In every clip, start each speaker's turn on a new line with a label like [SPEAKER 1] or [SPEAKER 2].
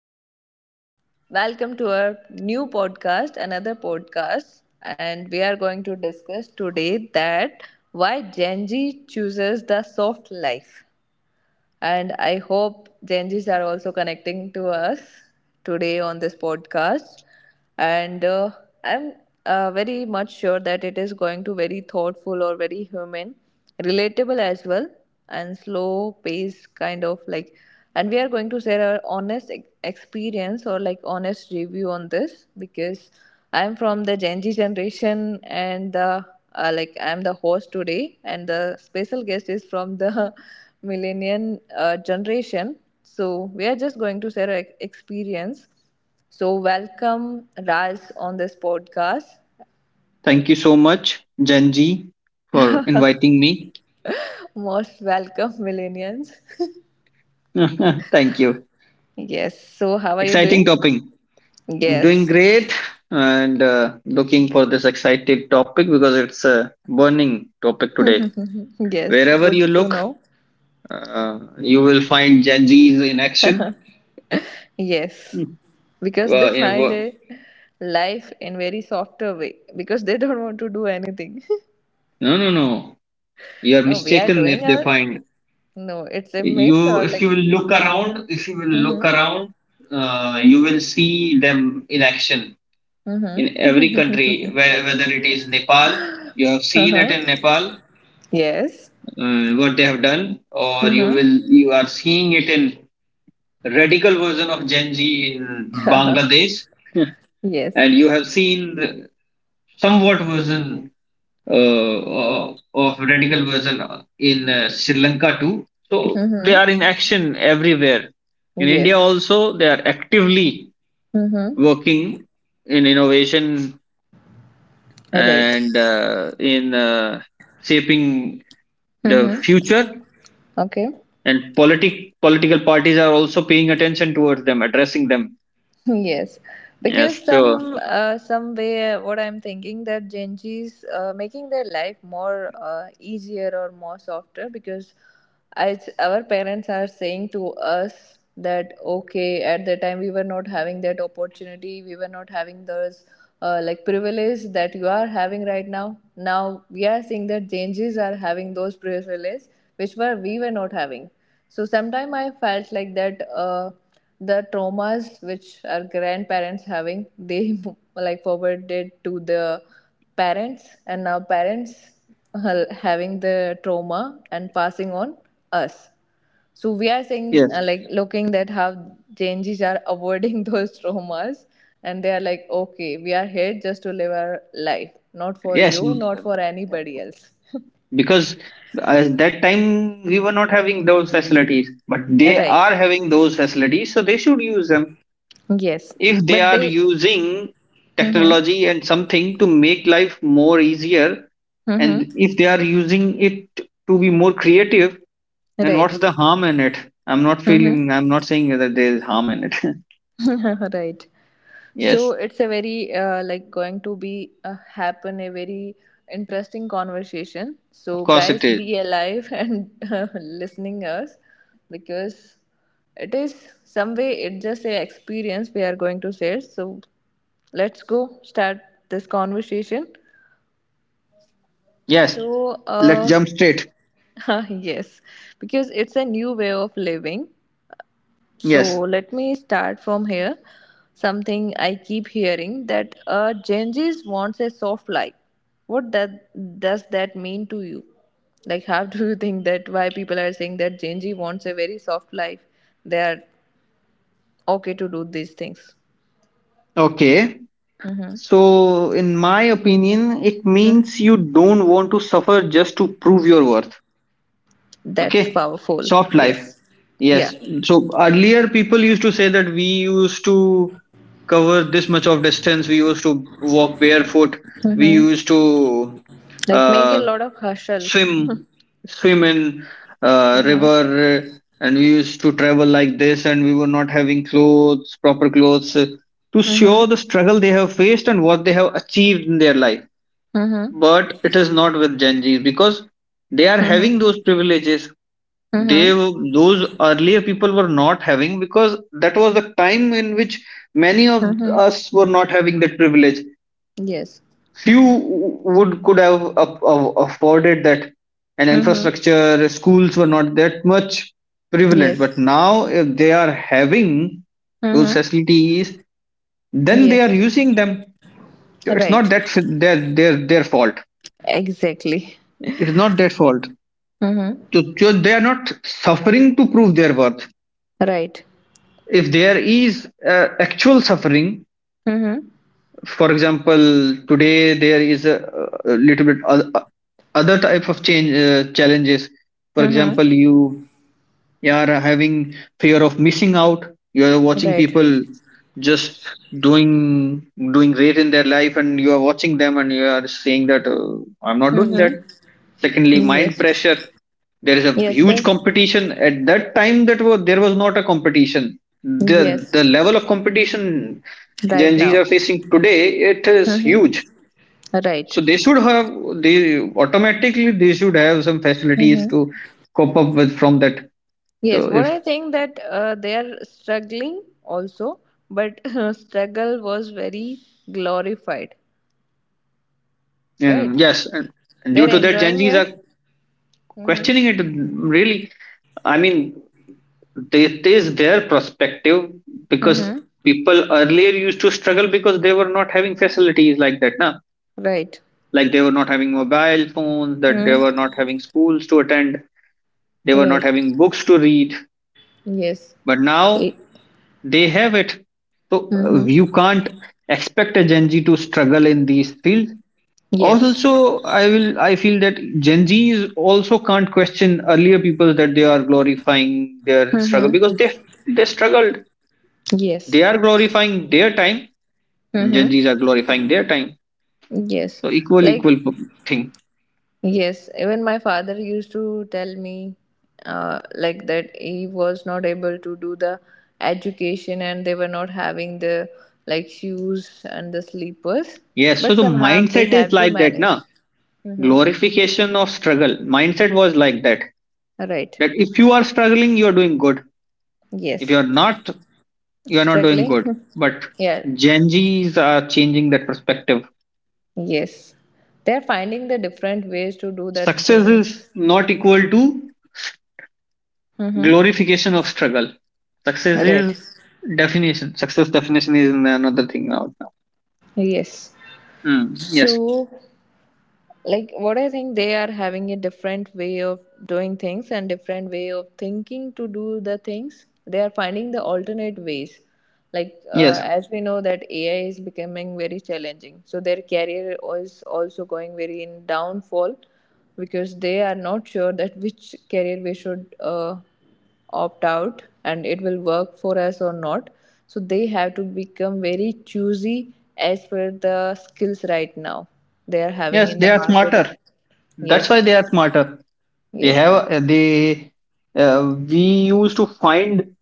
[SPEAKER 1] and welcome to our new podcast, another podcast. And we are going to discuss today that why Gen Z chooses the soft life. And I hope Gen Zs are also connecting to us today on this podcast. And I'm Very much sure that it is going to very thoughtful or very human, relatable as well, and slow pace kind of like. And we are going to share our honest experience or like honest review on this because I'm from the Gen Z generation and the like I'm the host today, and the special guest is from the millennial generation. So we are just going to share our experience. So welcome Raj on this podcast.
[SPEAKER 2] Thank you so much, Janji, for inviting me.
[SPEAKER 1] Most welcome millennials.
[SPEAKER 2] Thank you.
[SPEAKER 1] Yes. So how are you
[SPEAKER 2] Exciting
[SPEAKER 1] doing?
[SPEAKER 2] topic. I'm doing
[SPEAKER 1] Yes.
[SPEAKER 2] great and looking for this excited topic because it's a burning topic today.
[SPEAKER 1] Yes.
[SPEAKER 2] Wherever
[SPEAKER 1] Good
[SPEAKER 2] you
[SPEAKER 1] to
[SPEAKER 2] look,
[SPEAKER 1] know.
[SPEAKER 2] you will find Janjis in action.
[SPEAKER 1] Yes.
[SPEAKER 2] Hmm.
[SPEAKER 1] Because they
[SPEAKER 2] Uh, in,
[SPEAKER 1] find
[SPEAKER 2] wo-
[SPEAKER 1] a life in very softer way because they don't want to do anything.
[SPEAKER 2] no, no, no. You are
[SPEAKER 1] No, we are
[SPEAKER 2] mistaken if
[SPEAKER 1] doing
[SPEAKER 2] they
[SPEAKER 1] our.
[SPEAKER 2] find
[SPEAKER 1] No, it's a myth
[SPEAKER 2] you.
[SPEAKER 1] or
[SPEAKER 2] If
[SPEAKER 1] like.
[SPEAKER 2] you will look around, If you will look
[SPEAKER 1] Mm-hmm.
[SPEAKER 2] around, you will see them in action in every country, where, whether it is Nepal, you have seen it in Nepal,
[SPEAKER 1] Yes.
[SPEAKER 2] what they have done, or
[SPEAKER 1] Mm-hmm.
[SPEAKER 2] you are seeing it in radical version of Gen Z in Bangladesh,
[SPEAKER 1] yes.
[SPEAKER 2] and you have seen the somewhat version of radical version in Sri Lanka too. So they are
[SPEAKER 1] Mm-hmm.
[SPEAKER 2] in action everywhere. In India
[SPEAKER 1] Yes.
[SPEAKER 2] also, they are actively
[SPEAKER 1] Mm-hmm.
[SPEAKER 2] working in innovation
[SPEAKER 1] Right.
[SPEAKER 2] and in shaping the
[SPEAKER 1] Mm-hmm.
[SPEAKER 2] future,
[SPEAKER 1] Okay.
[SPEAKER 2] and political parties are also paying attention towards them, addressing them.
[SPEAKER 1] Yes, because
[SPEAKER 2] Yes,
[SPEAKER 1] some way what I'm thinking that Gen Z's making their life more easier or more softer because as our parents are saying to us that okay at the time we were not having that opportunity, we were not having those like privilege that you are having right now. Now we are seeing that Gen Z's are having those privilege which were we were not having, so sometime I felt like that. The traumas which our grandparents having, they like forwarded to the parents, and now parents having the trauma and passing on us. So we are saying
[SPEAKER 2] yes
[SPEAKER 1] like looking that how changes are avoiding those traumas, and they are like, okay, we are here just to live our life, not for
[SPEAKER 2] yes
[SPEAKER 1] you,
[SPEAKER 2] m-
[SPEAKER 1] not for anybody else.
[SPEAKER 2] because at that time we were not having those facilities, but they
[SPEAKER 1] Right.
[SPEAKER 2] are having those facilities, so they should use them.
[SPEAKER 1] Yes.
[SPEAKER 2] If they
[SPEAKER 1] But
[SPEAKER 2] are
[SPEAKER 1] they,
[SPEAKER 2] using
[SPEAKER 1] mm-hmm.
[SPEAKER 2] technology and something to make life more easier, and
[SPEAKER 1] Mm-hmm.
[SPEAKER 2] if they are using it to be more creative, then what's
[SPEAKER 1] Right.
[SPEAKER 2] the harm in it?
[SPEAKER 1] Mm-hmm.
[SPEAKER 2] I'm not saying that there is harm in it.
[SPEAKER 1] right. So
[SPEAKER 2] Yes,
[SPEAKER 1] it's a very like going to be happen a very interesting conversation.
[SPEAKER 2] of
[SPEAKER 1] So
[SPEAKER 2] course it
[SPEAKER 1] guys,
[SPEAKER 2] is.
[SPEAKER 1] be alive and listening us because it is some way it just a experience we are going to share. So let's go start this conversation.
[SPEAKER 2] Yes,
[SPEAKER 1] So
[SPEAKER 2] let's
[SPEAKER 1] uh,
[SPEAKER 2] jump straight.
[SPEAKER 1] yes, because it's a new way of living. So
[SPEAKER 2] Yes.
[SPEAKER 1] let me start from here. Something I keep hearing that Gen Zs wants a soft life. What that does that mean to you? Like, how do you think that why people are saying that Gen Z wants a very soft life? They are okay to do these things.
[SPEAKER 2] Okay.
[SPEAKER 1] Mm-hmm.
[SPEAKER 2] So, in my opinion, it
[SPEAKER 1] Hmm?
[SPEAKER 2] means you don't want to suffer just to prove your worth.
[SPEAKER 1] That's
[SPEAKER 2] Okay.
[SPEAKER 1] powerful.
[SPEAKER 2] Soft life.
[SPEAKER 1] Yes. Yeah.
[SPEAKER 2] Yes. So, earlier people used to say that we used to cover this much of distance, we used to walk barefoot, we
[SPEAKER 1] Mm-hmm.
[SPEAKER 2] used to
[SPEAKER 1] Like, make a
[SPEAKER 2] uh,
[SPEAKER 1] lot of hustle.
[SPEAKER 2] swim swim in
[SPEAKER 1] Mm-hmm.
[SPEAKER 2] river, and we used to travel like this, and we were not having clothes proper clothes, to
[SPEAKER 1] Mm-hmm.
[SPEAKER 2] show the struggle they have faced and what they have achieved in their life.
[SPEAKER 1] Mm-hmm.
[SPEAKER 2] But it is not with Gen Z's because they are having those privileges
[SPEAKER 1] Mm-hmm.
[SPEAKER 2] those earlier people were not having, because that was the time in which many of
[SPEAKER 1] Mm-hmm.
[SPEAKER 2] us were not having that privilege.
[SPEAKER 1] Yes.
[SPEAKER 2] Few would could have afforded that, and
[SPEAKER 1] Mm-hmm.
[SPEAKER 2] infrastructure, schools were not that much prevalent. But
[SPEAKER 1] Yes.
[SPEAKER 2] now if they are having those
[SPEAKER 1] Mm-hmm.
[SPEAKER 2] facilities, then they
[SPEAKER 1] Yes.
[SPEAKER 2] are using them. So it's not
[SPEAKER 1] Right.
[SPEAKER 2] that f- their fault,
[SPEAKER 1] Exactly.
[SPEAKER 2] it's not their fault.
[SPEAKER 1] Mm-hmm.
[SPEAKER 2] So they are not suffering to prove their worth.
[SPEAKER 1] Right.
[SPEAKER 2] If there is actual suffering,
[SPEAKER 1] Mm-hmm.
[SPEAKER 2] for example, today there is a little bit other type of change challenges. For
[SPEAKER 1] Mm-hmm.
[SPEAKER 2] example, you are having fear of missing out, you are watching
[SPEAKER 1] Right.
[SPEAKER 2] people just doing doing great in their life, and you are watching them, and you are saying that I'm not doing that.
[SPEAKER 1] Mm-hmm.
[SPEAKER 2] Secondly, mind
[SPEAKER 1] Yes.
[SPEAKER 2] pressure. There is a
[SPEAKER 1] Yes.
[SPEAKER 2] huge
[SPEAKER 1] The,
[SPEAKER 2] competition. At that time, that was there was not a competition.
[SPEAKER 1] yes.
[SPEAKER 2] The level of competition Gen
[SPEAKER 1] Right
[SPEAKER 2] Zs
[SPEAKER 1] now.
[SPEAKER 2] are facing today, it is
[SPEAKER 1] Mm-hmm.
[SPEAKER 2] huge.
[SPEAKER 1] Right.
[SPEAKER 2] So they should have, they automatically they should have some facilities
[SPEAKER 1] Mm-hmm.
[SPEAKER 2] to cope up with from that. So
[SPEAKER 1] Yes. What
[SPEAKER 2] if,
[SPEAKER 1] I think that they are struggling also, but struggle was very glorified. Right.
[SPEAKER 2] and yes, and due
[SPEAKER 1] They're
[SPEAKER 2] to that, Gen
[SPEAKER 1] enjoying
[SPEAKER 2] Zs are
[SPEAKER 1] it. Mm-hmm.
[SPEAKER 2] questioning it. Really, I mean, it is their perspective, because
[SPEAKER 1] Mm-hmm.
[SPEAKER 2] people earlier used to struggle because they were not having facilities like that now.
[SPEAKER 1] Right.
[SPEAKER 2] Like, they were not having mobile phones, that
[SPEAKER 1] Mm.
[SPEAKER 2] they were not having schools to attend, they were not
[SPEAKER 1] Right.
[SPEAKER 2] having books to read.
[SPEAKER 1] Yes.
[SPEAKER 2] But now they have it. So
[SPEAKER 1] Mm-hmm.
[SPEAKER 2] you can't expect a Gen Z to struggle in these fields.
[SPEAKER 1] Yes.
[SPEAKER 2] Also, I feel that Gen Zs also can't question earlier people that they are glorifying their struggle,
[SPEAKER 1] Mm-hmm.
[SPEAKER 2] because they struggled.
[SPEAKER 1] Yes.
[SPEAKER 2] They are glorifying their time, and Gen
[SPEAKER 1] Mm-hmm.
[SPEAKER 2] Zs are glorifying their time.
[SPEAKER 1] Yes.
[SPEAKER 2] So equal
[SPEAKER 1] Like,
[SPEAKER 2] equal thing.
[SPEAKER 1] yes, even my father used to tell me like that he was not able to do the education and they were not having the like shoes and the sleepers,
[SPEAKER 2] Yes. So
[SPEAKER 1] but
[SPEAKER 2] the
[SPEAKER 1] somehow they
[SPEAKER 2] mindset is
[SPEAKER 1] have to
[SPEAKER 2] like that,
[SPEAKER 1] manage.
[SPEAKER 2] na,
[SPEAKER 1] Mm-hmm.
[SPEAKER 2] glorification of struggle. Mindset was like that.
[SPEAKER 1] Right.
[SPEAKER 2] That if you are struggling, you are doing good. If you
[SPEAKER 1] Yes.
[SPEAKER 2] are not, you're not doing
[SPEAKER 1] Struggling.
[SPEAKER 2] good. But
[SPEAKER 1] yeah.
[SPEAKER 2] Gen Zs are changing that perspective.
[SPEAKER 1] Yes. They're finding the different ways to do that
[SPEAKER 2] Success is
[SPEAKER 1] things.
[SPEAKER 2] not equal to
[SPEAKER 1] Mm-hmm.
[SPEAKER 2] glorification of struggle. Success
[SPEAKER 1] Right.
[SPEAKER 2] is definition. Success definition is another thing out now.
[SPEAKER 1] Yes.
[SPEAKER 2] Hmm. Yes,
[SPEAKER 1] So, like, what I think they are having a different way of doing things and different way of thinking to do the things. They are finding the alternate ways.
[SPEAKER 2] yes,
[SPEAKER 1] As we know that AI is becoming very challenging. So their career is also going very in downfall because they are not sure that which career we should opt out and it will work for us or not, so they have to become very choosy as per the skills right now they are having
[SPEAKER 2] yes.
[SPEAKER 1] in the
[SPEAKER 2] They are
[SPEAKER 1] market.
[SPEAKER 2] smarter. That's why
[SPEAKER 1] Yes.
[SPEAKER 2] they are smarter. They
[SPEAKER 1] Yes.
[SPEAKER 2] have they. We used to find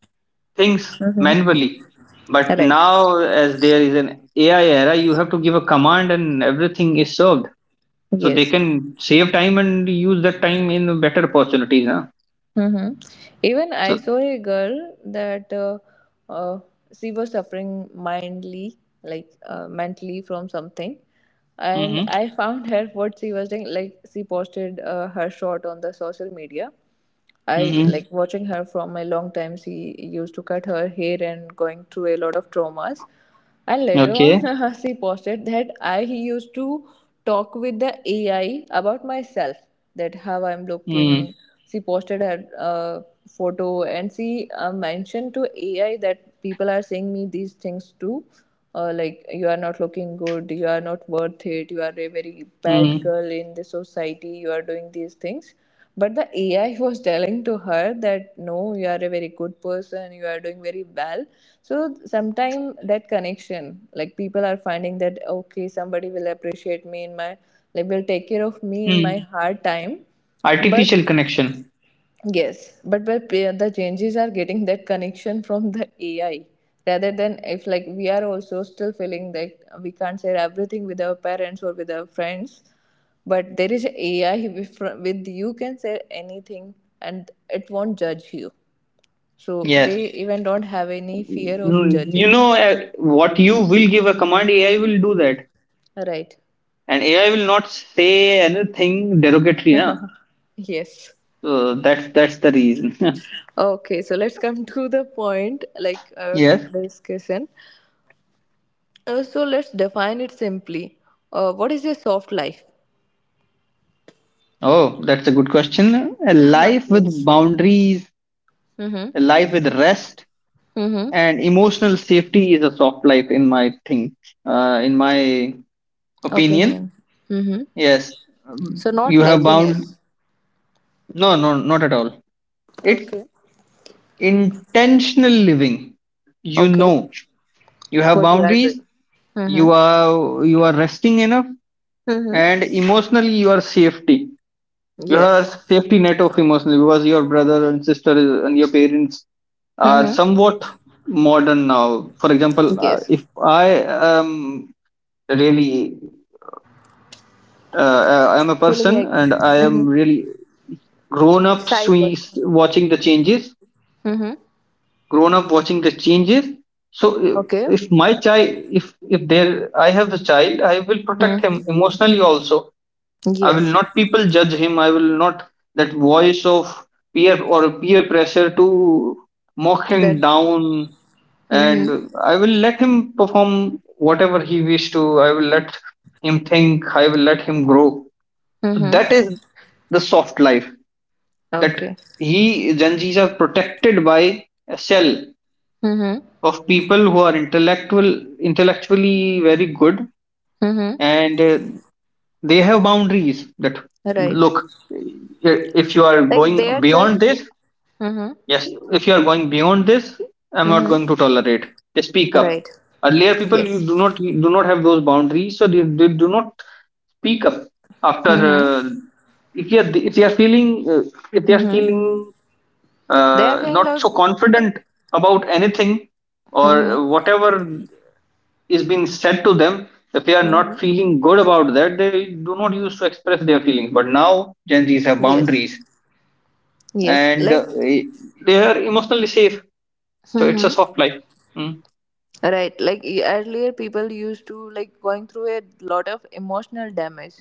[SPEAKER 2] things
[SPEAKER 1] Mm-hmm.
[SPEAKER 2] manually, but
[SPEAKER 1] Right.
[SPEAKER 2] now as there is an AI era, you have to give a command and everything is served. So they
[SPEAKER 1] Yes.
[SPEAKER 2] can save time and use that time in better opportunities, huh?
[SPEAKER 1] Mm-hmm. Even
[SPEAKER 2] So,
[SPEAKER 1] I saw a girl that uh, she was suffering mindly like mentally from something, and
[SPEAKER 2] hmm.
[SPEAKER 1] I found her what she was doing. Like she posted her shot on the social media. I
[SPEAKER 2] Hmm,
[SPEAKER 1] like watching her from a long time. She used to cut her hair and going through a lot of traumas. And later on,
[SPEAKER 2] okay,
[SPEAKER 1] she posted that I used to talk with the AI about myself, that how I'm looking.
[SPEAKER 2] mm,
[SPEAKER 1] She posted her photo and she mentioned to AI that people are saying me these things too. Like you are not looking good, you are not worth it, you are a very bad
[SPEAKER 2] mm,
[SPEAKER 1] girl in the society, you are doing these things, but the AI was telling to her that no, you are a very good person, you are doing very well. So sometime that connection, like people are finding that okay, somebody will appreciate me in my like, will take care of me in my
[SPEAKER 2] mm.
[SPEAKER 1] hard time. But
[SPEAKER 2] Artificial connection.
[SPEAKER 1] yes, but the changes are getting that connection from the AI rather than if like we are also still feeling that we can't share everything with our parents or with our friends, but there is AI with you can share anything and it won't judge you. So they
[SPEAKER 2] Yes.
[SPEAKER 1] even don't have any fear of
[SPEAKER 2] Mm, you
[SPEAKER 1] judging.
[SPEAKER 2] know, what you will give a command, AI will do that,
[SPEAKER 1] Right.
[SPEAKER 2] and AI will not say anything derogatory, na.
[SPEAKER 1] Yes.
[SPEAKER 2] So that's the reason.
[SPEAKER 1] Okay, so let's come to the point, like
[SPEAKER 2] Yes.
[SPEAKER 1] discussion. So let's define it simply. What is a soft life?
[SPEAKER 2] Oh, that's a good question. A life with
[SPEAKER 1] yes.
[SPEAKER 2] boundaries,
[SPEAKER 1] Mm-hmm.
[SPEAKER 2] a life with rest,
[SPEAKER 1] Mm-hmm.
[SPEAKER 2] and emotional safety is a soft life in my thing, in my opinion.
[SPEAKER 1] Opinion. Mm-hmm.
[SPEAKER 2] Yes. Um,
[SPEAKER 1] So not
[SPEAKER 2] you have bound,
[SPEAKER 1] laziness.
[SPEAKER 2] no, no, not at all. It's
[SPEAKER 1] Okay.
[SPEAKER 2] intentional living, you
[SPEAKER 1] Okay.
[SPEAKER 2] know. You have
[SPEAKER 1] What you are
[SPEAKER 2] boundaries,
[SPEAKER 1] doing. Mm-hmm.
[SPEAKER 2] you are you are resting enough, and
[SPEAKER 1] Mm-hmm.
[SPEAKER 2] emotionally you are safety. You are
[SPEAKER 1] Yes.
[SPEAKER 2] safety net of emotionally, because your brother and sister is- and your parents are
[SPEAKER 1] Mm-hmm.
[SPEAKER 2] somewhat modern now. For example,
[SPEAKER 1] Yes.
[SPEAKER 2] if I um, really I am a
[SPEAKER 1] Feeling
[SPEAKER 2] person
[SPEAKER 1] like
[SPEAKER 2] and I
[SPEAKER 1] mm-hmm,
[SPEAKER 2] am really grown up
[SPEAKER 1] shy
[SPEAKER 2] swing,
[SPEAKER 1] person.
[SPEAKER 2] watching the changes
[SPEAKER 1] Mm-hmm.
[SPEAKER 2] grown up watching the changes. So
[SPEAKER 1] Okay.
[SPEAKER 2] if my child, if there I have a child, I will protect
[SPEAKER 1] Mm.
[SPEAKER 2] him emotionally also. I will
[SPEAKER 1] Yes.
[SPEAKER 2] not people judge him. I will not that voice of peer pressure to mock him
[SPEAKER 1] That.
[SPEAKER 2] down. And
[SPEAKER 1] Mm-hmm.
[SPEAKER 2] I will let him perform whatever he wish to, I will let him think, I will let him grow. So
[SPEAKER 1] Mm-hmm.
[SPEAKER 2] that is the soft life, that
[SPEAKER 1] Okay.
[SPEAKER 2] he Genjis are protected by a shell
[SPEAKER 1] Mm-hmm.
[SPEAKER 2] of people who are intellectually very good,
[SPEAKER 1] Mm-hmm.
[SPEAKER 2] and they have boundaries, that
[SPEAKER 1] Right.
[SPEAKER 2] look, if you are
[SPEAKER 1] Like
[SPEAKER 2] going
[SPEAKER 1] they are
[SPEAKER 2] beyond
[SPEAKER 1] just.
[SPEAKER 2] this.
[SPEAKER 1] Mm-hmm.
[SPEAKER 2] Yes, if you are going beyond this, I'm not
[SPEAKER 1] Mm-hmm.
[SPEAKER 2] going to tolerate. They speak up.
[SPEAKER 1] Right.
[SPEAKER 2] Earlier people,
[SPEAKER 1] Yes.
[SPEAKER 2] you do not have those boundaries, so they do not speak up. After
[SPEAKER 1] Mm-hmm.
[SPEAKER 2] If you are, if they are feeling if they are
[SPEAKER 1] Mm-hmm.
[SPEAKER 2] feeling
[SPEAKER 1] They are going
[SPEAKER 2] not
[SPEAKER 1] like
[SPEAKER 2] so
[SPEAKER 1] uh,
[SPEAKER 2] confident about anything,
[SPEAKER 1] mm-hmm.
[SPEAKER 2] or whatever is being said to them, if they are
[SPEAKER 1] Mm-hmm.
[SPEAKER 2] not feeling good about that, they do not use to express their feelings. But now Gen Z's have
[SPEAKER 1] Yes,
[SPEAKER 2] boundaries,
[SPEAKER 1] yes.
[SPEAKER 2] and
[SPEAKER 1] Like
[SPEAKER 2] they are emotionally safe, so it's a
[SPEAKER 1] mm-hmm,
[SPEAKER 2] soft life. Mm.
[SPEAKER 1] right. Like earlier, people used to like going through a lot of emotional damage.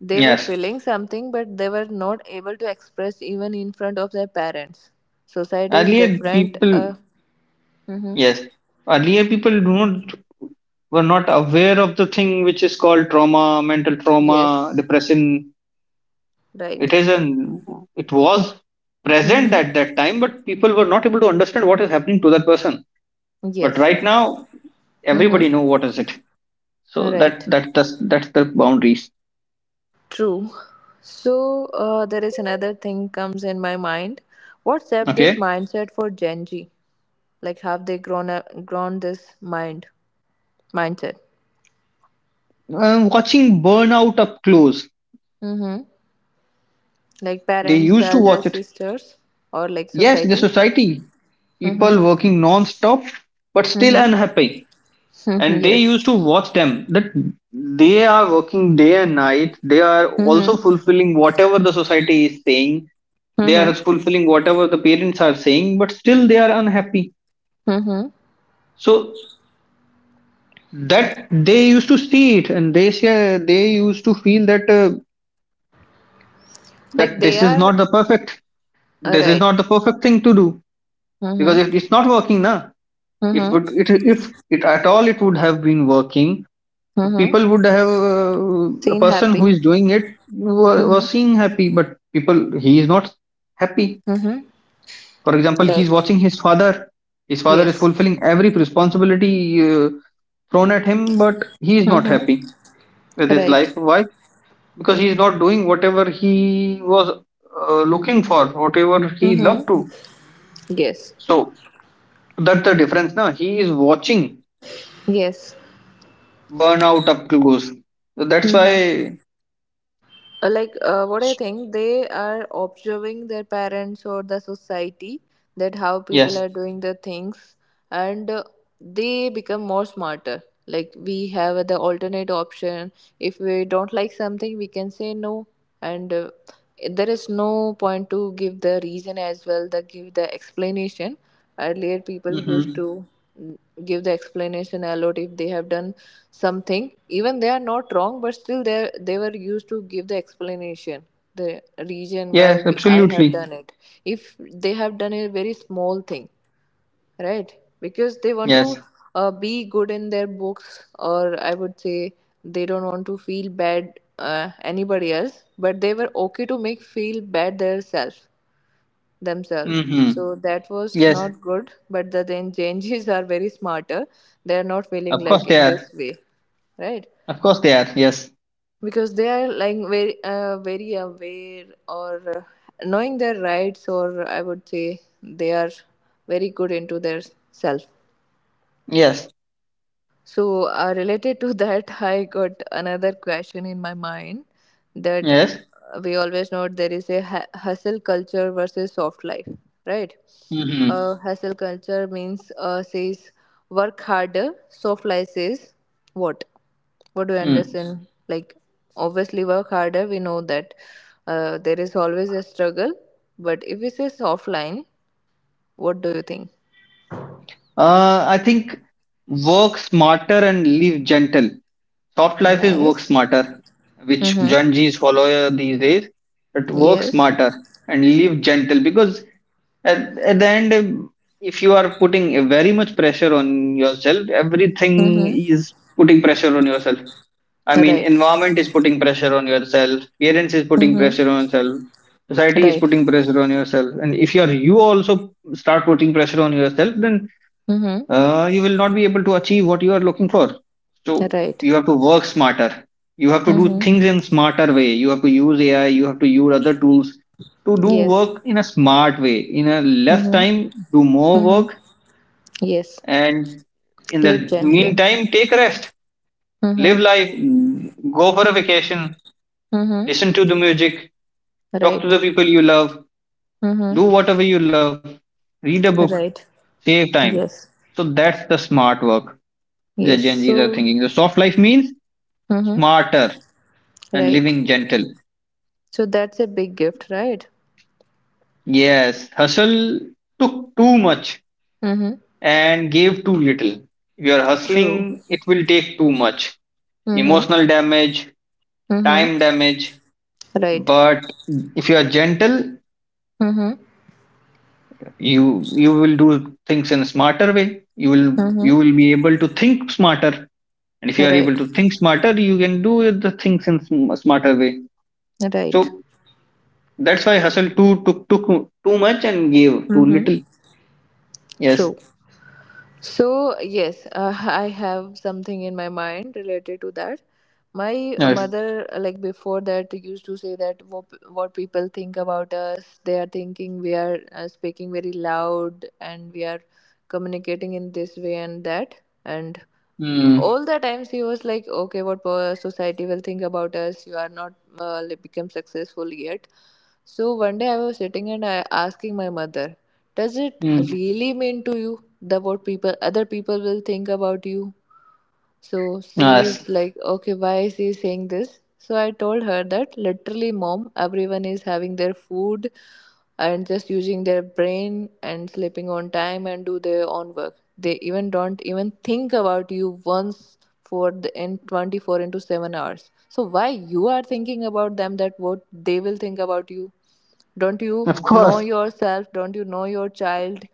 [SPEAKER 1] They were
[SPEAKER 2] Yes.
[SPEAKER 1] feeling something, but they were not able to express even in front of their parents. Society is
[SPEAKER 2] Earlier
[SPEAKER 1] different.
[SPEAKER 2] people,
[SPEAKER 1] Mm-hmm.
[SPEAKER 2] yes, Earlier people do not were not aware of the thing which is called trauma, mental trauma,
[SPEAKER 1] Yes.
[SPEAKER 2] depression. It
[SPEAKER 1] Right.
[SPEAKER 2] is an It was present
[SPEAKER 1] Mm-hmm.
[SPEAKER 2] at that time, but people were not able to understand what is happening to that person. But
[SPEAKER 1] Yes.
[SPEAKER 2] right now,
[SPEAKER 1] Mm-hmm.
[SPEAKER 2] everybody know what is it. So
[SPEAKER 1] Right.
[SPEAKER 2] that's the boundaries.
[SPEAKER 1] True. So there is another thing comes in my mind. What's up this
[SPEAKER 2] Okay.
[SPEAKER 1] mindset for Gen Z? Like have they grown up, grown this mindset?
[SPEAKER 2] Watching burnout up close.
[SPEAKER 1] Mm-hmm. Like
[SPEAKER 2] They
[SPEAKER 1] parents,
[SPEAKER 2] used to
[SPEAKER 1] elder
[SPEAKER 2] watch it.
[SPEAKER 1] sisters, or like
[SPEAKER 2] Yes, the
[SPEAKER 1] society.
[SPEAKER 2] society,
[SPEAKER 1] Mm-hmm.
[SPEAKER 2] people working non-stop but still
[SPEAKER 1] Mm-hmm.
[SPEAKER 2] unhappy. And they used to
[SPEAKER 1] yes.
[SPEAKER 2] watch them, that they are working day and night. They are also
[SPEAKER 1] Mm-hmm.
[SPEAKER 2] fulfilling whatever the society is saying. They are
[SPEAKER 1] Mm-hmm.
[SPEAKER 2] fulfilling whatever the parents are saying, but still they are unhappy.
[SPEAKER 1] Mm-hmm.
[SPEAKER 2] So that they used to see it, and they used to feel that
[SPEAKER 1] Like
[SPEAKER 2] that
[SPEAKER 1] they
[SPEAKER 2] this is
[SPEAKER 1] are
[SPEAKER 2] not the perfect. This is
[SPEAKER 1] right.
[SPEAKER 2] not the perfect thing to do, because
[SPEAKER 1] Mm-hmm.
[SPEAKER 2] it's not working now. If would
[SPEAKER 1] Mm-hmm.
[SPEAKER 2] it if it at all it would have been working,
[SPEAKER 1] Mm-hmm.
[SPEAKER 2] people would have, the
[SPEAKER 1] Seen
[SPEAKER 2] person who
[SPEAKER 1] happy.
[SPEAKER 2] is doing it
[SPEAKER 1] Mm-hmm.
[SPEAKER 2] was seeing happy, but people he is not happy.
[SPEAKER 1] Mm-hmm.
[SPEAKER 2] For example, he is
[SPEAKER 1] Right.
[SPEAKER 2] watching his father. His father is
[SPEAKER 1] Yes.
[SPEAKER 2] fulfilling every responsibility uh, thrown at him, but he is not
[SPEAKER 1] Mm-hmm.
[SPEAKER 2] happy with his
[SPEAKER 1] Right.
[SPEAKER 2] life. Why? Because he is not doing whatever he was looking for, whatever he loved
[SPEAKER 1] Mm-hmm.
[SPEAKER 2] to.
[SPEAKER 1] Yes,
[SPEAKER 2] So that's the difference now. He is watching
[SPEAKER 1] yes.
[SPEAKER 2] burn out up close. So that's
[SPEAKER 1] Hmm.
[SPEAKER 2] why,
[SPEAKER 1] Like what I think, they are observing their parents or the society, that how people
[SPEAKER 2] yes,
[SPEAKER 1] are doing the things, and they become more smarter. Like we have the alternate option. If we don't like something, we can say no, and there is no point to give the reason as well. The give the explanation. Earlier, people used
[SPEAKER 2] mm-hmm.
[SPEAKER 1] to mm, give the explanation a lot if they have done something. Even they are not wrong, but still they were used to give the explanation, the reason why
[SPEAKER 2] Yes,
[SPEAKER 1] we, I have
[SPEAKER 2] absolutely,
[SPEAKER 1] done it. If they have done a very small thing, right? Because they want to
[SPEAKER 2] yes,
[SPEAKER 1] be good in their books, or I would say they don't want to feel bad anybody else, but they were okay to make feel bad themselves themselves.
[SPEAKER 2] mm-hmm.
[SPEAKER 1] So that was
[SPEAKER 2] Yes,
[SPEAKER 1] not good, but the then changes are very smarter. They are not
[SPEAKER 2] of
[SPEAKER 1] feeling
[SPEAKER 2] course
[SPEAKER 1] like
[SPEAKER 2] they
[SPEAKER 1] in
[SPEAKER 2] are,
[SPEAKER 1] this way, right?
[SPEAKER 2] of course they are, yes,
[SPEAKER 1] Because they are like very, very aware or knowing their rights, or I would say they are very good into their self.
[SPEAKER 2] yes,
[SPEAKER 1] So, related to that, I got another question in my mind that
[SPEAKER 2] yes,
[SPEAKER 1] we always know there is a hustle culture versus soft life, right?
[SPEAKER 2] mm-hmm.
[SPEAKER 1] Hustle culture means says work harder. Soft life says what? What do you
[SPEAKER 2] Mm.
[SPEAKER 1] understand? Like obviously work harder. We know that there is always a struggle, but if we say soft line, what do you think?
[SPEAKER 2] I think work smarter and live gentle. Soft life is work
[SPEAKER 1] Nice.
[SPEAKER 2] smarter, which
[SPEAKER 1] Mm-hmm.
[SPEAKER 2] Gen Z's follow these days. But work
[SPEAKER 1] Yes.
[SPEAKER 2] smarter and live gentle, because at, at the end, if you are putting a very much pressure on yourself, everything
[SPEAKER 1] Mm-hmm.
[SPEAKER 2] is putting pressure on yourself, I mean,
[SPEAKER 1] Right.
[SPEAKER 2] environment is putting pressure on yourself, parents is putting
[SPEAKER 1] Mm-hmm.
[SPEAKER 2] pressure on yourself, society is
[SPEAKER 1] Right.
[SPEAKER 2] putting pressure on yourself, and if you are, you also start putting pressure on yourself, then
[SPEAKER 1] Mm-hmm.
[SPEAKER 2] you will not be able to achieve what you are looking for. So
[SPEAKER 1] Right.
[SPEAKER 2] you have to work smarter. You have to do
[SPEAKER 1] Mm-hmm.
[SPEAKER 2] things in smarter way. You have to use AI. You have to use other tools to do
[SPEAKER 1] Yes.
[SPEAKER 2] work in a smart way. In a less
[SPEAKER 1] Mm-hmm.
[SPEAKER 2] time, do more
[SPEAKER 1] Mm-hmm.
[SPEAKER 2] work,
[SPEAKER 1] Yes.
[SPEAKER 2] and in the
[SPEAKER 1] Live gently.
[SPEAKER 2] meantime, take rest,
[SPEAKER 1] Mm-hmm.
[SPEAKER 2] live life, go for a vacation,
[SPEAKER 1] Mm-hmm.
[SPEAKER 2] listen to the music, talk to
[SPEAKER 1] Right.
[SPEAKER 2] the people you love,
[SPEAKER 1] Mm-hmm.
[SPEAKER 2] do whatever you love, read a book,
[SPEAKER 1] Right.
[SPEAKER 2] save time.
[SPEAKER 1] Yes.
[SPEAKER 2] So that's the smart work the
[SPEAKER 1] Yes.
[SPEAKER 2] Gen Zs are thinking.
[SPEAKER 1] So.
[SPEAKER 2] The soft life means
[SPEAKER 1] Mm-hmm.
[SPEAKER 2] smarter and
[SPEAKER 1] Right.
[SPEAKER 2] living gentle.
[SPEAKER 1] So that's a big gift, right?
[SPEAKER 2] Yes, hustle took too much
[SPEAKER 1] Mm-hmm.
[SPEAKER 2] and gave too little. If you are
[SPEAKER 1] True.
[SPEAKER 2] hustling, it will take too much
[SPEAKER 1] Mm-hmm.
[SPEAKER 2] emotional damage,
[SPEAKER 1] Mm-hmm.
[SPEAKER 2] time damage.
[SPEAKER 1] Right.
[SPEAKER 2] But if you are gentle,
[SPEAKER 1] Mm-hmm.
[SPEAKER 2] you you will do things in a smarter way. You will
[SPEAKER 1] Mm-hmm.
[SPEAKER 2] you will be able to think smarter, and if you are able
[SPEAKER 1] Right.
[SPEAKER 2] to think smarter, you can do the things in smarter way.
[SPEAKER 1] Right.
[SPEAKER 2] So that's why hustle too took too much and gave too
[SPEAKER 1] Mm-hmm.
[SPEAKER 2] little. Yes,
[SPEAKER 1] True. So, yes, I have something in my mind related to that. My
[SPEAKER 2] yes.
[SPEAKER 1] mother, like before that, used to say that what people think about us, they are thinking we are speaking very loud and we are communicating in this way and that. And
[SPEAKER 2] Mm,
[SPEAKER 1] all the times he was like okay what society will think about us, you are not like, become successful yet. So one day I was sitting and I asking my mother, does it
[SPEAKER 2] mm,
[SPEAKER 1] really mean to you the what people other people will think about you? So
[SPEAKER 2] yes,
[SPEAKER 1] she's like, okay, why is he saying this? So I told her that literally, mom, everyone is having their food and just using their brain and sleeping on time and do their own work. They even don't even think about you once for the in 24 into 7 hours. So why you are thinking about them that what they will think about you? Don't you
[SPEAKER 2] of
[SPEAKER 1] know
[SPEAKER 2] course.
[SPEAKER 1] yourself? Don't you know your child?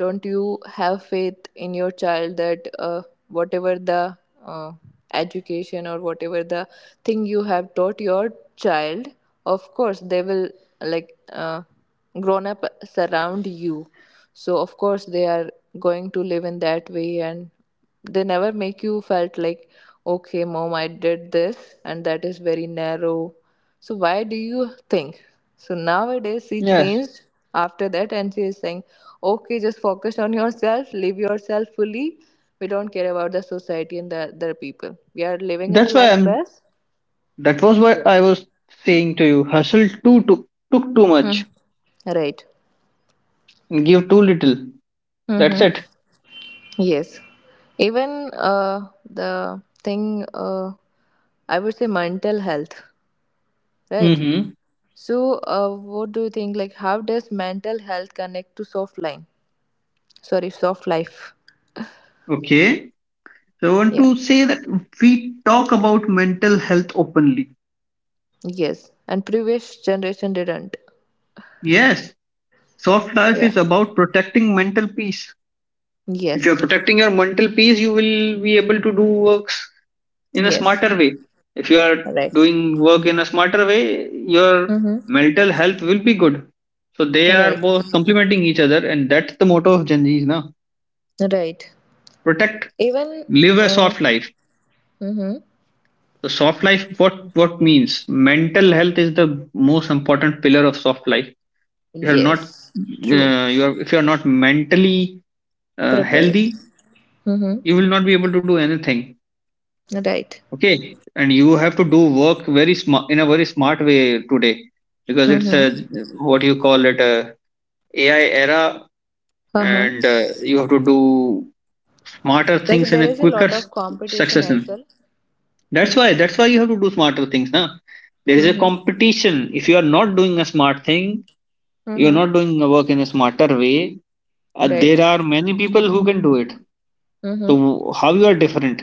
[SPEAKER 1] Don't you have faith in your child that whatever the uh, education or whatever the thing you have taught your child. Of course they will like grown up surround you, so of course they are going to live in that way, and they never make you felt like, okay, mom, I did this, and that is very narrow. So why do you think? So nowadays she
[SPEAKER 2] Yes,
[SPEAKER 1] changed after that, and she is saying, okay, just focus on yourself, live yourself fully. We don't care about the society and the other people. We are living our
[SPEAKER 2] that's why
[SPEAKER 1] life
[SPEAKER 2] I'm.
[SPEAKER 1] best.
[SPEAKER 2] That was what
[SPEAKER 1] Yes.
[SPEAKER 2] I was saying to you. Hustle too, Took too
[SPEAKER 1] Hmm.
[SPEAKER 2] much
[SPEAKER 1] Right.
[SPEAKER 2] and give too little. That's
[SPEAKER 1] Mm-hmm.
[SPEAKER 2] it.
[SPEAKER 1] Yes. Even the thing, I would say mental health, right?
[SPEAKER 2] Mm-hmm.
[SPEAKER 1] So, what do you think? Like, how does mental health connect to soft line? Sorry, soft life.
[SPEAKER 2] Okay. So I want
[SPEAKER 1] Yeah.
[SPEAKER 2] to say that we talk about mental health openly.
[SPEAKER 1] Yes. And previous generation didn't.
[SPEAKER 2] Yes, soft life
[SPEAKER 1] Yeah.
[SPEAKER 2] is about protecting mental peace. If you're
[SPEAKER 1] Yes.
[SPEAKER 2] protecting your mental peace, you will be able to do works in a
[SPEAKER 1] Yes.
[SPEAKER 2] smarter way. If you are
[SPEAKER 1] Right.
[SPEAKER 2] doing work in a smarter way, your
[SPEAKER 1] Mm-hmm.
[SPEAKER 2] mental health will be good. So they are
[SPEAKER 1] Right.
[SPEAKER 2] both complementing each other, and that's the motto of Gen Z's now.
[SPEAKER 1] Right.
[SPEAKER 2] Protect,
[SPEAKER 1] Even
[SPEAKER 2] live a
[SPEAKER 1] uh
[SPEAKER 2] soft life.
[SPEAKER 1] mm-hmm.
[SPEAKER 2] So soft life, what means? Mental health is the most important pillar of soft life. You are not,
[SPEAKER 1] Yes. True.
[SPEAKER 2] you are if you are not mentally
[SPEAKER 1] Prepared.
[SPEAKER 2] healthy,
[SPEAKER 1] Mm-hmm.
[SPEAKER 2] you will not be able to do anything.
[SPEAKER 1] Right.
[SPEAKER 2] Okay, and you have to do work very smart in a very smart way today, because it's
[SPEAKER 1] Mm-hmm.
[SPEAKER 2] a what you call it a AI era.
[SPEAKER 1] Uh-huh.
[SPEAKER 2] And you have to do smarter things
[SPEAKER 1] Like
[SPEAKER 2] in
[SPEAKER 1] there
[SPEAKER 2] a
[SPEAKER 1] is a
[SPEAKER 2] quicker
[SPEAKER 1] lot of competition as
[SPEAKER 2] succession.
[SPEAKER 1] well.
[SPEAKER 2] That's why you have to do smarter things now. There is a
[SPEAKER 1] Mm-hmm.
[SPEAKER 2] competition. If you are not doing a smart thing, you are
[SPEAKER 1] Mm-hmm.
[SPEAKER 2] not doing the work in a smarter way, there
[SPEAKER 1] Right.
[SPEAKER 2] are many people who can do it.
[SPEAKER 1] Mm-hmm.
[SPEAKER 2] So how you are different?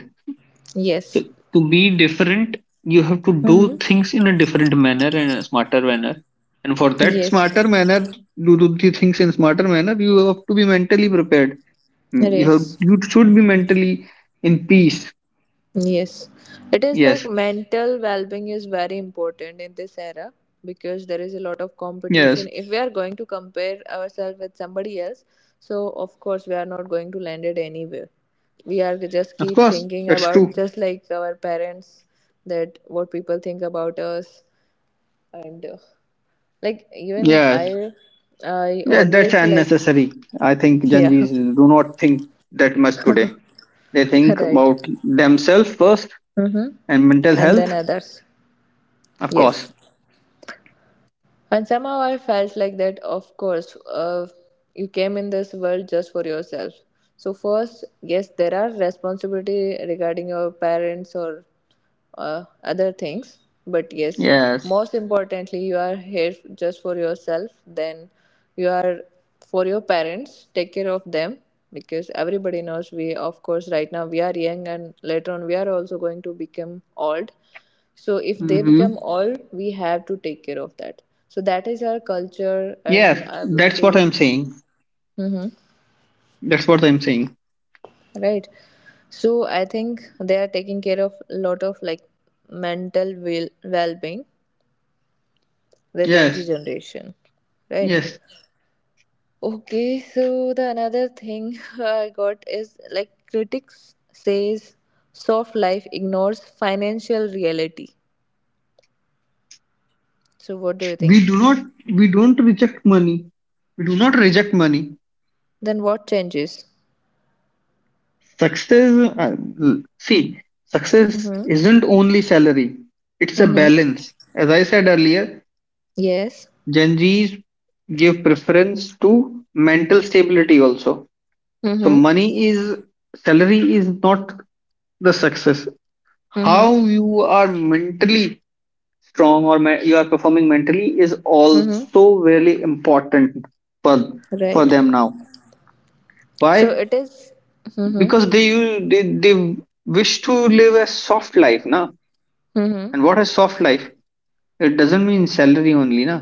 [SPEAKER 2] So
[SPEAKER 1] Yes.
[SPEAKER 2] to be different, you have to do
[SPEAKER 1] Mm-hmm.
[SPEAKER 2] things in a different manner and a smarter manner. And for that smarter
[SPEAKER 1] Yes.
[SPEAKER 2] manner, to do the things in smarter manner, you have to be mentally prepared. Mm. You have,
[SPEAKER 1] Race.
[SPEAKER 2] you should be mentally in peace.
[SPEAKER 1] Yes, it is like
[SPEAKER 2] Yes,
[SPEAKER 1] mental well being is very important in this era, because there is a lot of
[SPEAKER 2] yes,
[SPEAKER 1] competition. If we are going to compare ourselves with somebody else, so of course we are not going to land it anywhere. We are just
[SPEAKER 2] of
[SPEAKER 1] keep
[SPEAKER 2] course,
[SPEAKER 1] thinking
[SPEAKER 2] that's true.
[SPEAKER 1] about, just like our parents, that what people think about us, and like even
[SPEAKER 2] Yes,
[SPEAKER 1] I
[SPEAKER 2] yes, that's
[SPEAKER 1] always like
[SPEAKER 2] unnecessary. I think Gen
[SPEAKER 1] yeah
[SPEAKER 2] Zs do not think that much today. They think
[SPEAKER 1] right.
[SPEAKER 2] about themselves first
[SPEAKER 1] Mm-hmm.
[SPEAKER 2] and mental
[SPEAKER 1] And then
[SPEAKER 2] health,
[SPEAKER 1] others.
[SPEAKER 2] of
[SPEAKER 1] Yes.
[SPEAKER 2] course.
[SPEAKER 1] And somehow I felt like that, of course, you came in this world just for yourself. So, first, yes, there are responsibility regarding your parents or other things. But yes,
[SPEAKER 2] Yes.
[SPEAKER 1] most importantly, you are here just for yourself. Then you are for your parents. Take care of them, because everybody knows we, of course, right now we are young and later on we are also going to become old. So if they become
[SPEAKER 2] Mm-hmm.
[SPEAKER 1] all, we have to take care of that. So that is our culture, and
[SPEAKER 2] Yes,
[SPEAKER 1] I would
[SPEAKER 2] that's what
[SPEAKER 1] say,
[SPEAKER 2] I'm saying.
[SPEAKER 1] mm-hmm,
[SPEAKER 2] That's what I'm saying.
[SPEAKER 1] right. So I think they are taking care of a lot of like mental well-being, the Gen Z
[SPEAKER 2] Yes,
[SPEAKER 1] generation, right?
[SPEAKER 2] yes.
[SPEAKER 1] Okay, so the another thing I got is like critics says soft life ignores financial reality. So what do you think?
[SPEAKER 2] We do not We don't reject money. We do not reject money.
[SPEAKER 1] Then what changes?
[SPEAKER 2] Success, see, success
[SPEAKER 1] Mm-hmm.
[SPEAKER 2] isn't only salary. It's a
[SPEAKER 1] Mm-hmm.
[SPEAKER 2] balance. As I said earlier,
[SPEAKER 1] Yes.
[SPEAKER 2] Gen Z's give preference to mental stability also. So
[SPEAKER 1] Mm-hmm.
[SPEAKER 2] money is salary is not the success.
[SPEAKER 1] Mm-hmm.
[SPEAKER 2] How you are mentally strong, or you are performing mentally, is
[SPEAKER 1] Mm-hmm.
[SPEAKER 2] also really important for for
[SPEAKER 1] Right.
[SPEAKER 2] them now.
[SPEAKER 1] So
[SPEAKER 2] Why?
[SPEAKER 1] it is. Mm-hmm.
[SPEAKER 2] Because they wish to live a soft life, na,
[SPEAKER 1] Mm-hmm.
[SPEAKER 2] and what is soft life? It doesn't mean salary only, na.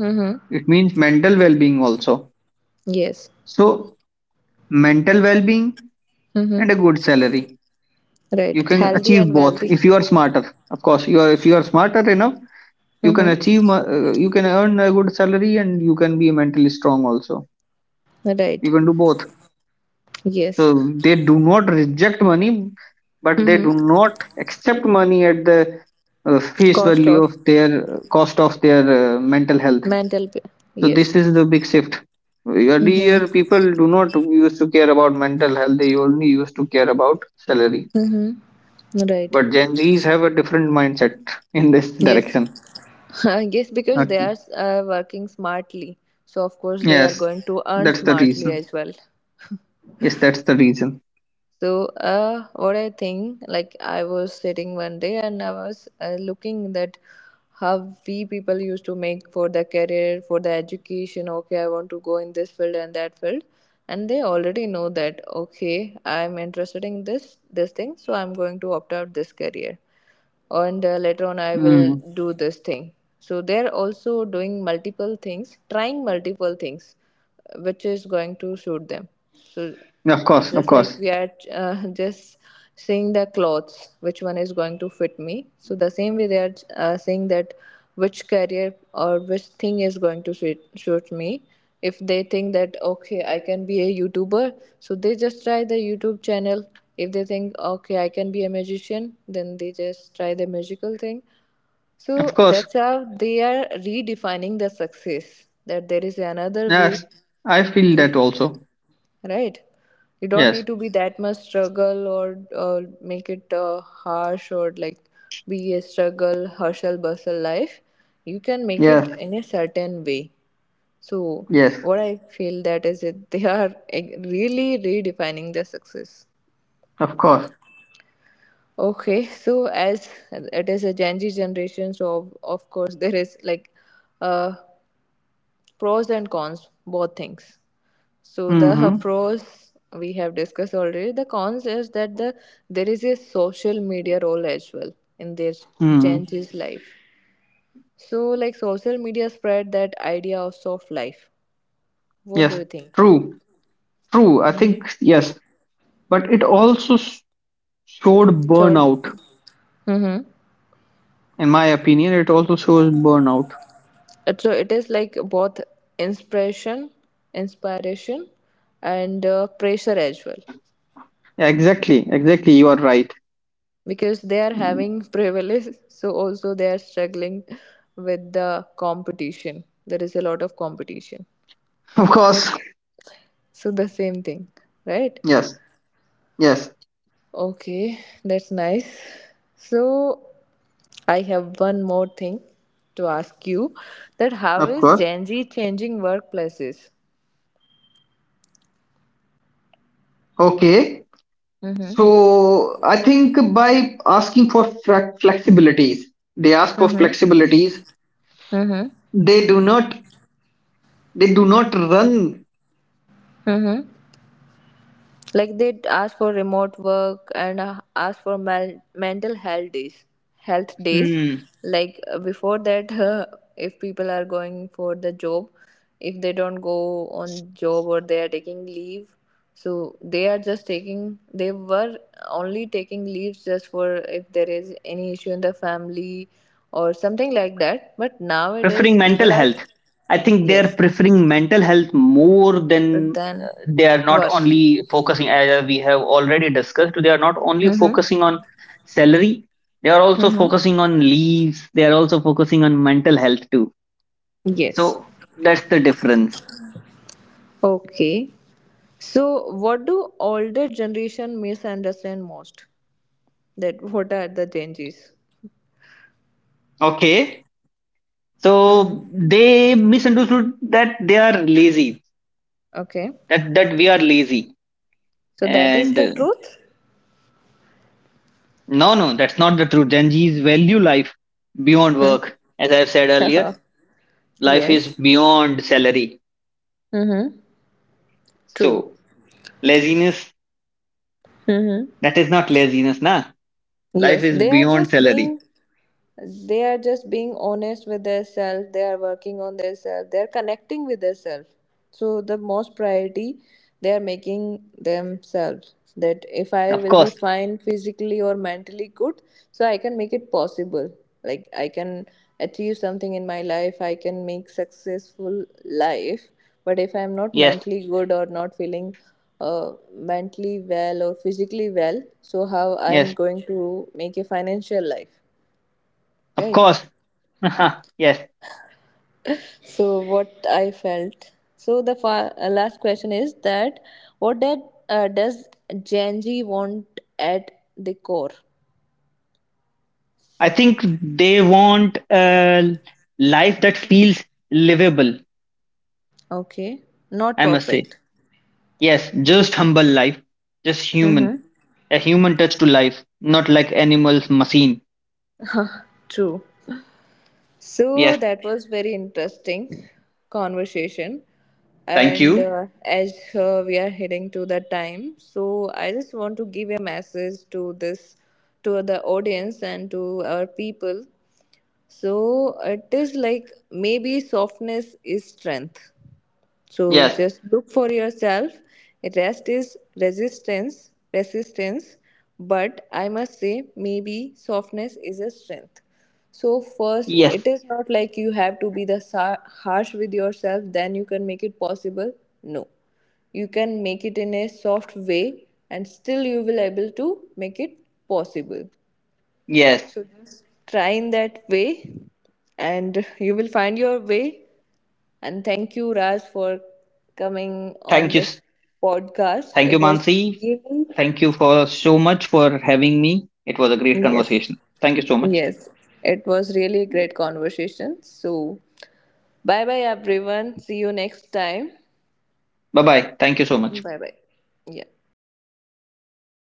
[SPEAKER 1] Mm-hmm.
[SPEAKER 2] It means mental well-being also.
[SPEAKER 1] Yes.
[SPEAKER 2] So mental well-being
[SPEAKER 1] Mm-hmm.
[SPEAKER 2] and a good salary,
[SPEAKER 1] Right.
[SPEAKER 2] you can
[SPEAKER 1] Healthy
[SPEAKER 2] achieve
[SPEAKER 1] and
[SPEAKER 2] both if
[SPEAKER 1] wealthy.
[SPEAKER 2] you are smarter. Of course, you are. If you are smarter enough, you can
[SPEAKER 1] Mm-hmm.
[SPEAKER 2] you can earn a good salary and you can be mentally strong also. You
[SPEAKER 1] Right.
[SPEAKER 2] can do both.
[SPEAKER 1] Yes.
[SPEAKER 2] So they do not reject money, but they
[SPEAKER 1] Mm-hmm.
[SPEAKER 2] do not accept money at the face
[SPEAKER 1] Cost
[SPEAKER 2] value
[SPEAKER 1] of
[SPEAKER 2] of their cost of their mental health.
[SPEAKER 1] mental.
[SPEAKER 2] So this
[SPEAKER 1] Yes.
[SPEAKER 2] is the big shift. Earlier,
[SPEAKER 1] Mm-hmm.
[SPEAKER 2] people do not used to care about mental health; they only used to care about salary.
[SPEAKER 1] Mm-hmm. Right.
[SPEAKER 2] But Gen Zs have a different mindset in this
[SPEAKER 1] Yes.
[SPEAKER 2] direction.
[SPEAKER 1] yes, because they
[SPEAKER 2] Okay.
[SPEAKER 1] are working smartly. So of course they are
[SPEAKER 2] Yes,
[SPEAKER 1] going to earn
[SPEAKER 2] that's the
[SPEAKER 1] smartly
[SPEAKER 2] reason.
[SPEAKER 1] as well.
[SPEAKER 2] Yes, that's the reason.
[SPEAKER 1] So, what I think, like I was sitting one day and I was looking that how we people used to make for the career, for the education. Okay, I want to go in this field and that field, and they already know that. Okay, I'm interested in this thing, so I'm going to opt out this career, and later on I will
[SPEAKER 2] Mm.
[SPEAKER 1] do this thing. So they're also doing multiple things, trying multiple things which is going to suit them. So
[SPEAKER 2] Of course, of
[SPEAKER 1] just like
[SPEAKER 2] course,
[SPEAKER 1] we are just seeing the clothes which one is going to fit me, so the same way they are saying that which career or which thing is going to suit me. If they think that okay, I can be a YouTuber, so they just try the YouTube channel. If they think okay, I can be a magician, then they just try the magical thing. So
[SPEAKER 2] of course.
[SPEAKER 1] that's how they are redefining the success, that there is another way.
[SPEAKER 2] Yes, I feel that
[SPEAKER 1] We.
[SPEAKER 2] also.
[SPEAKER 1] Right. You don't
[SPEAKER 2] Yes.
[SPEAKER 1] need to be that much struggle or make it harsh, or like be a struggle hustle bustle life. You can make it
[SPEAKER 2] Yes,
[SPEAKER 1] in a certain way. So
[SPEAKER 2] yes,
[SPEAKER 1] what I feel that is, it they are really redefining the success.
[SPEAKER 2] of course.
[SPEAKER 1] Okay, so as it is a Gen Z generation, so of course there is like uh, pros and cons, both things. So the
[SPEAKER 2] Mm-hmm.
[SPEAKER 1] pros we have discussed already. The cons is that there is a social media role as well in their Gen
[SPEAKER 2] Hmm.
[SPEAKER 1] Z's life. So like social media spread that idea of soft life. What do
[SPEAKER 2] Yes,
[SPEAKER 1] you think?
[SPEAKER 2] true, true. I
[SPEAKER 1] Mm-hmm.
[SPEAKER 2] think yes, but it also showed
[SPEAKER 1] Sure.
[SPEAKER 2] burnout.
[SPEAKER 1] Mm-hmm.
[SPEAKER 2] In my opinion, it also shows burnout.
[SPEAKER 1] So it is like both inspiration. Inspiration and pressure as well,
[SPEAKER 2] Yeah, exactly, exactly. You are right.
[SPEAKER 1] because they are having privilege, so also they are struggling with the competition. There is a lot of competition.
[SPEAKER 2] Of course.
[SPEAKER 1] So the same thing, right?
[SPEAKER 2] Yes, yes,
[SPEAKER 1] Okay, that's nice. So I have one more thing to ask you, that how
[SPEAKER 2] of
[SPEAKER 1] is
[SPEAKER 2] course.
[SPEAKER 1] Gen Z changing workplaces?
[SPEAKER 2] Okay.
[SPEAKER 1] Mm-hmm.
[SPEAKER 2] So I think by asking for flexibilities, they ask for
[SPEAKER 1] Mm-hmm.
[SPEAKER 2] flexibilities.
[SPEAKER 1] Mm-hmm.
[SPEAKER 2] They do not. They do not run.
[SPEAKER 1] Mm-hmm. Like they ask for remote work and ask for mental health days. Health days. Like before that, if people are going for the job, if they don't go on job or they are taking leave, so they are just taking. They were only taking leaves just for if there is any issue in the family or something like that. But
[SPEAKER 2] Preferring
[SPEAKER 1] nowadays,
[SPEAKER 2] mental
[SPEAKER 1] people are,
[SPEAKER 2] health, I think they're
[SPEAKER 1] yes,
[SPEAKER 2] preferring mental health more than
[SPEAKER 1] but then,
[SPEAKER 2] they are not
[SPEAKER 1] work.
[SPEAKER 2] only focusing. As we have already discussed, they are not only
[SPEAKER 1] Mm-hmm.
[SPEAKER 2] focusing on salary, they are also
[SPEAKER 1] Mm-hmm.
[SPEAKER 2] focusing on leaves, they are also focusing on mental health too.
[SPEAKER 1] Yes.
[SPEAKER 2] So that's the difference.
[SPEAKER 1] Okay. So, what do older generation misunderstand most? That what are the changes?
[SPEAKER 2] Okay,
[SPEAKER 1] Mm-hmm.
[SPEAKER 2] so they misunderstood that they are lazy,
[SPEAKER 1] Okay.
[SPEAKER 2] that we are lazy.
[SPEAKER 1] So that is
[SPEAKER 2] and
[SPEAKER 1] the
[SPEAKER 2] uh,
[SPEAKER 1] truth.
[SPEAKER 2] no, no, that's not the truth. Gen Z's value life beyond
[SPEAKER 1] Mhm.
[SPEAKER 2] work. As I've said earlier, life is
[SPEAKER 1] yes.
[SPEAKER 2] beyond salary.
[SPEAKER 1] Mm-hmm. True.
[SPEAKER 2] So laziness,
[SPEAKER 1] Mm-hmm.
[SPEAKER 2] that is not laziness, na? Life
[SPEAKER 1] Yes,
[SPEAKER 2] is
[SPEAKER 1] they are
[SPEAKER 2] beyond
[SPEAKER 1] just
[SPEAKER 2] salary.
[SPEAKER 1] being, they are just being honest with their self. They are working on their self. They are connecting with their self. So the most priority they are making themselves, that if I
[SPEAKER 2] Of
[SPEAKER 1] will be
[SPEAKER 2] course.
[SPEAKER 1] fine physically or mentally good, so I can make it possible. Like I can achieve something in my life, I can make successful life. But if I'm not
[SPEAKER 2] Yes.
[SPEAKER 1] mentally good or not feeling mentally well or physically well, so how I'm
[SPEAKER 2] Yes.
[SPEAKER 1] going to make a financial life?
[SPEAKER 2] Of
[SPEAKER 1] Right.
[SPEAKER 2] course. yes.
[SPEAKER 1] So what I felt. So the last question is that what did Does Gen Z want at the core?
[SPEAKER 2] I think they want a life that feels livable,
[SPEAKER 1] Okay, not
[SPEAKER 2] I must say.
[SPEAKER 1] perfect.
[SPEAKER 2] Yes, just humble life, just
[SPEAKER 1] Mm-hmm.
[SPEAKER 2] human, a human touch to life, not like animals, machine.
[SPEAKER 1] True. So
[SPEAKER 2] Yes,
[SPEAKER 1] that was very interesting conversation,
[SPEAKER 2] thank
[SPEAKER 1] and
[SPEAKER 2] you.
[SPEAKER 1] as we are heading to the time, so I just want to give a message to this, to the audience and to our people. So it is like maybe softness is strength. So
[SPEAKER 2] Yes,
[SPEAKER 1] just look for yourself. Rest is resistance, resistance. But I must say, maybe softness is a strength. So first,
[SPEAKER 2] yes,
[SPEAKER 1] it is not like you have to be the harsh with yourself. Then you can make it possible. No, you can make it in a soft way, and still you will able to make it possible.
[SPEAKER 2] yes.
[SPEAKER 1] So just try in that way, and you will find your way. And thank you, Raj, for coming on
[SPEAKER 2] Thank you,
[SPEAKER 1] this podcast.
[SPEAKER 2] thank
[SPEAKER 1] It
[SPEAKER 2] you,
[SPEAKER 1] was
[SPEAKER 2] Mansi.
[SPEAKER 1] really,
[SPEAKER 2] Thank you for so much for having me. It was a great
[SPEAKER 1] yes,
[SPEAKER 2] conversation. Thank you so much.
[SPEAKER 1] yes, it was really a great conversation. So, bye bye, everyone. See you next time.
[SPEAKER 2] Bye bye. Thank you so much.
[SPEAKER 1] Bye bye. Yeah.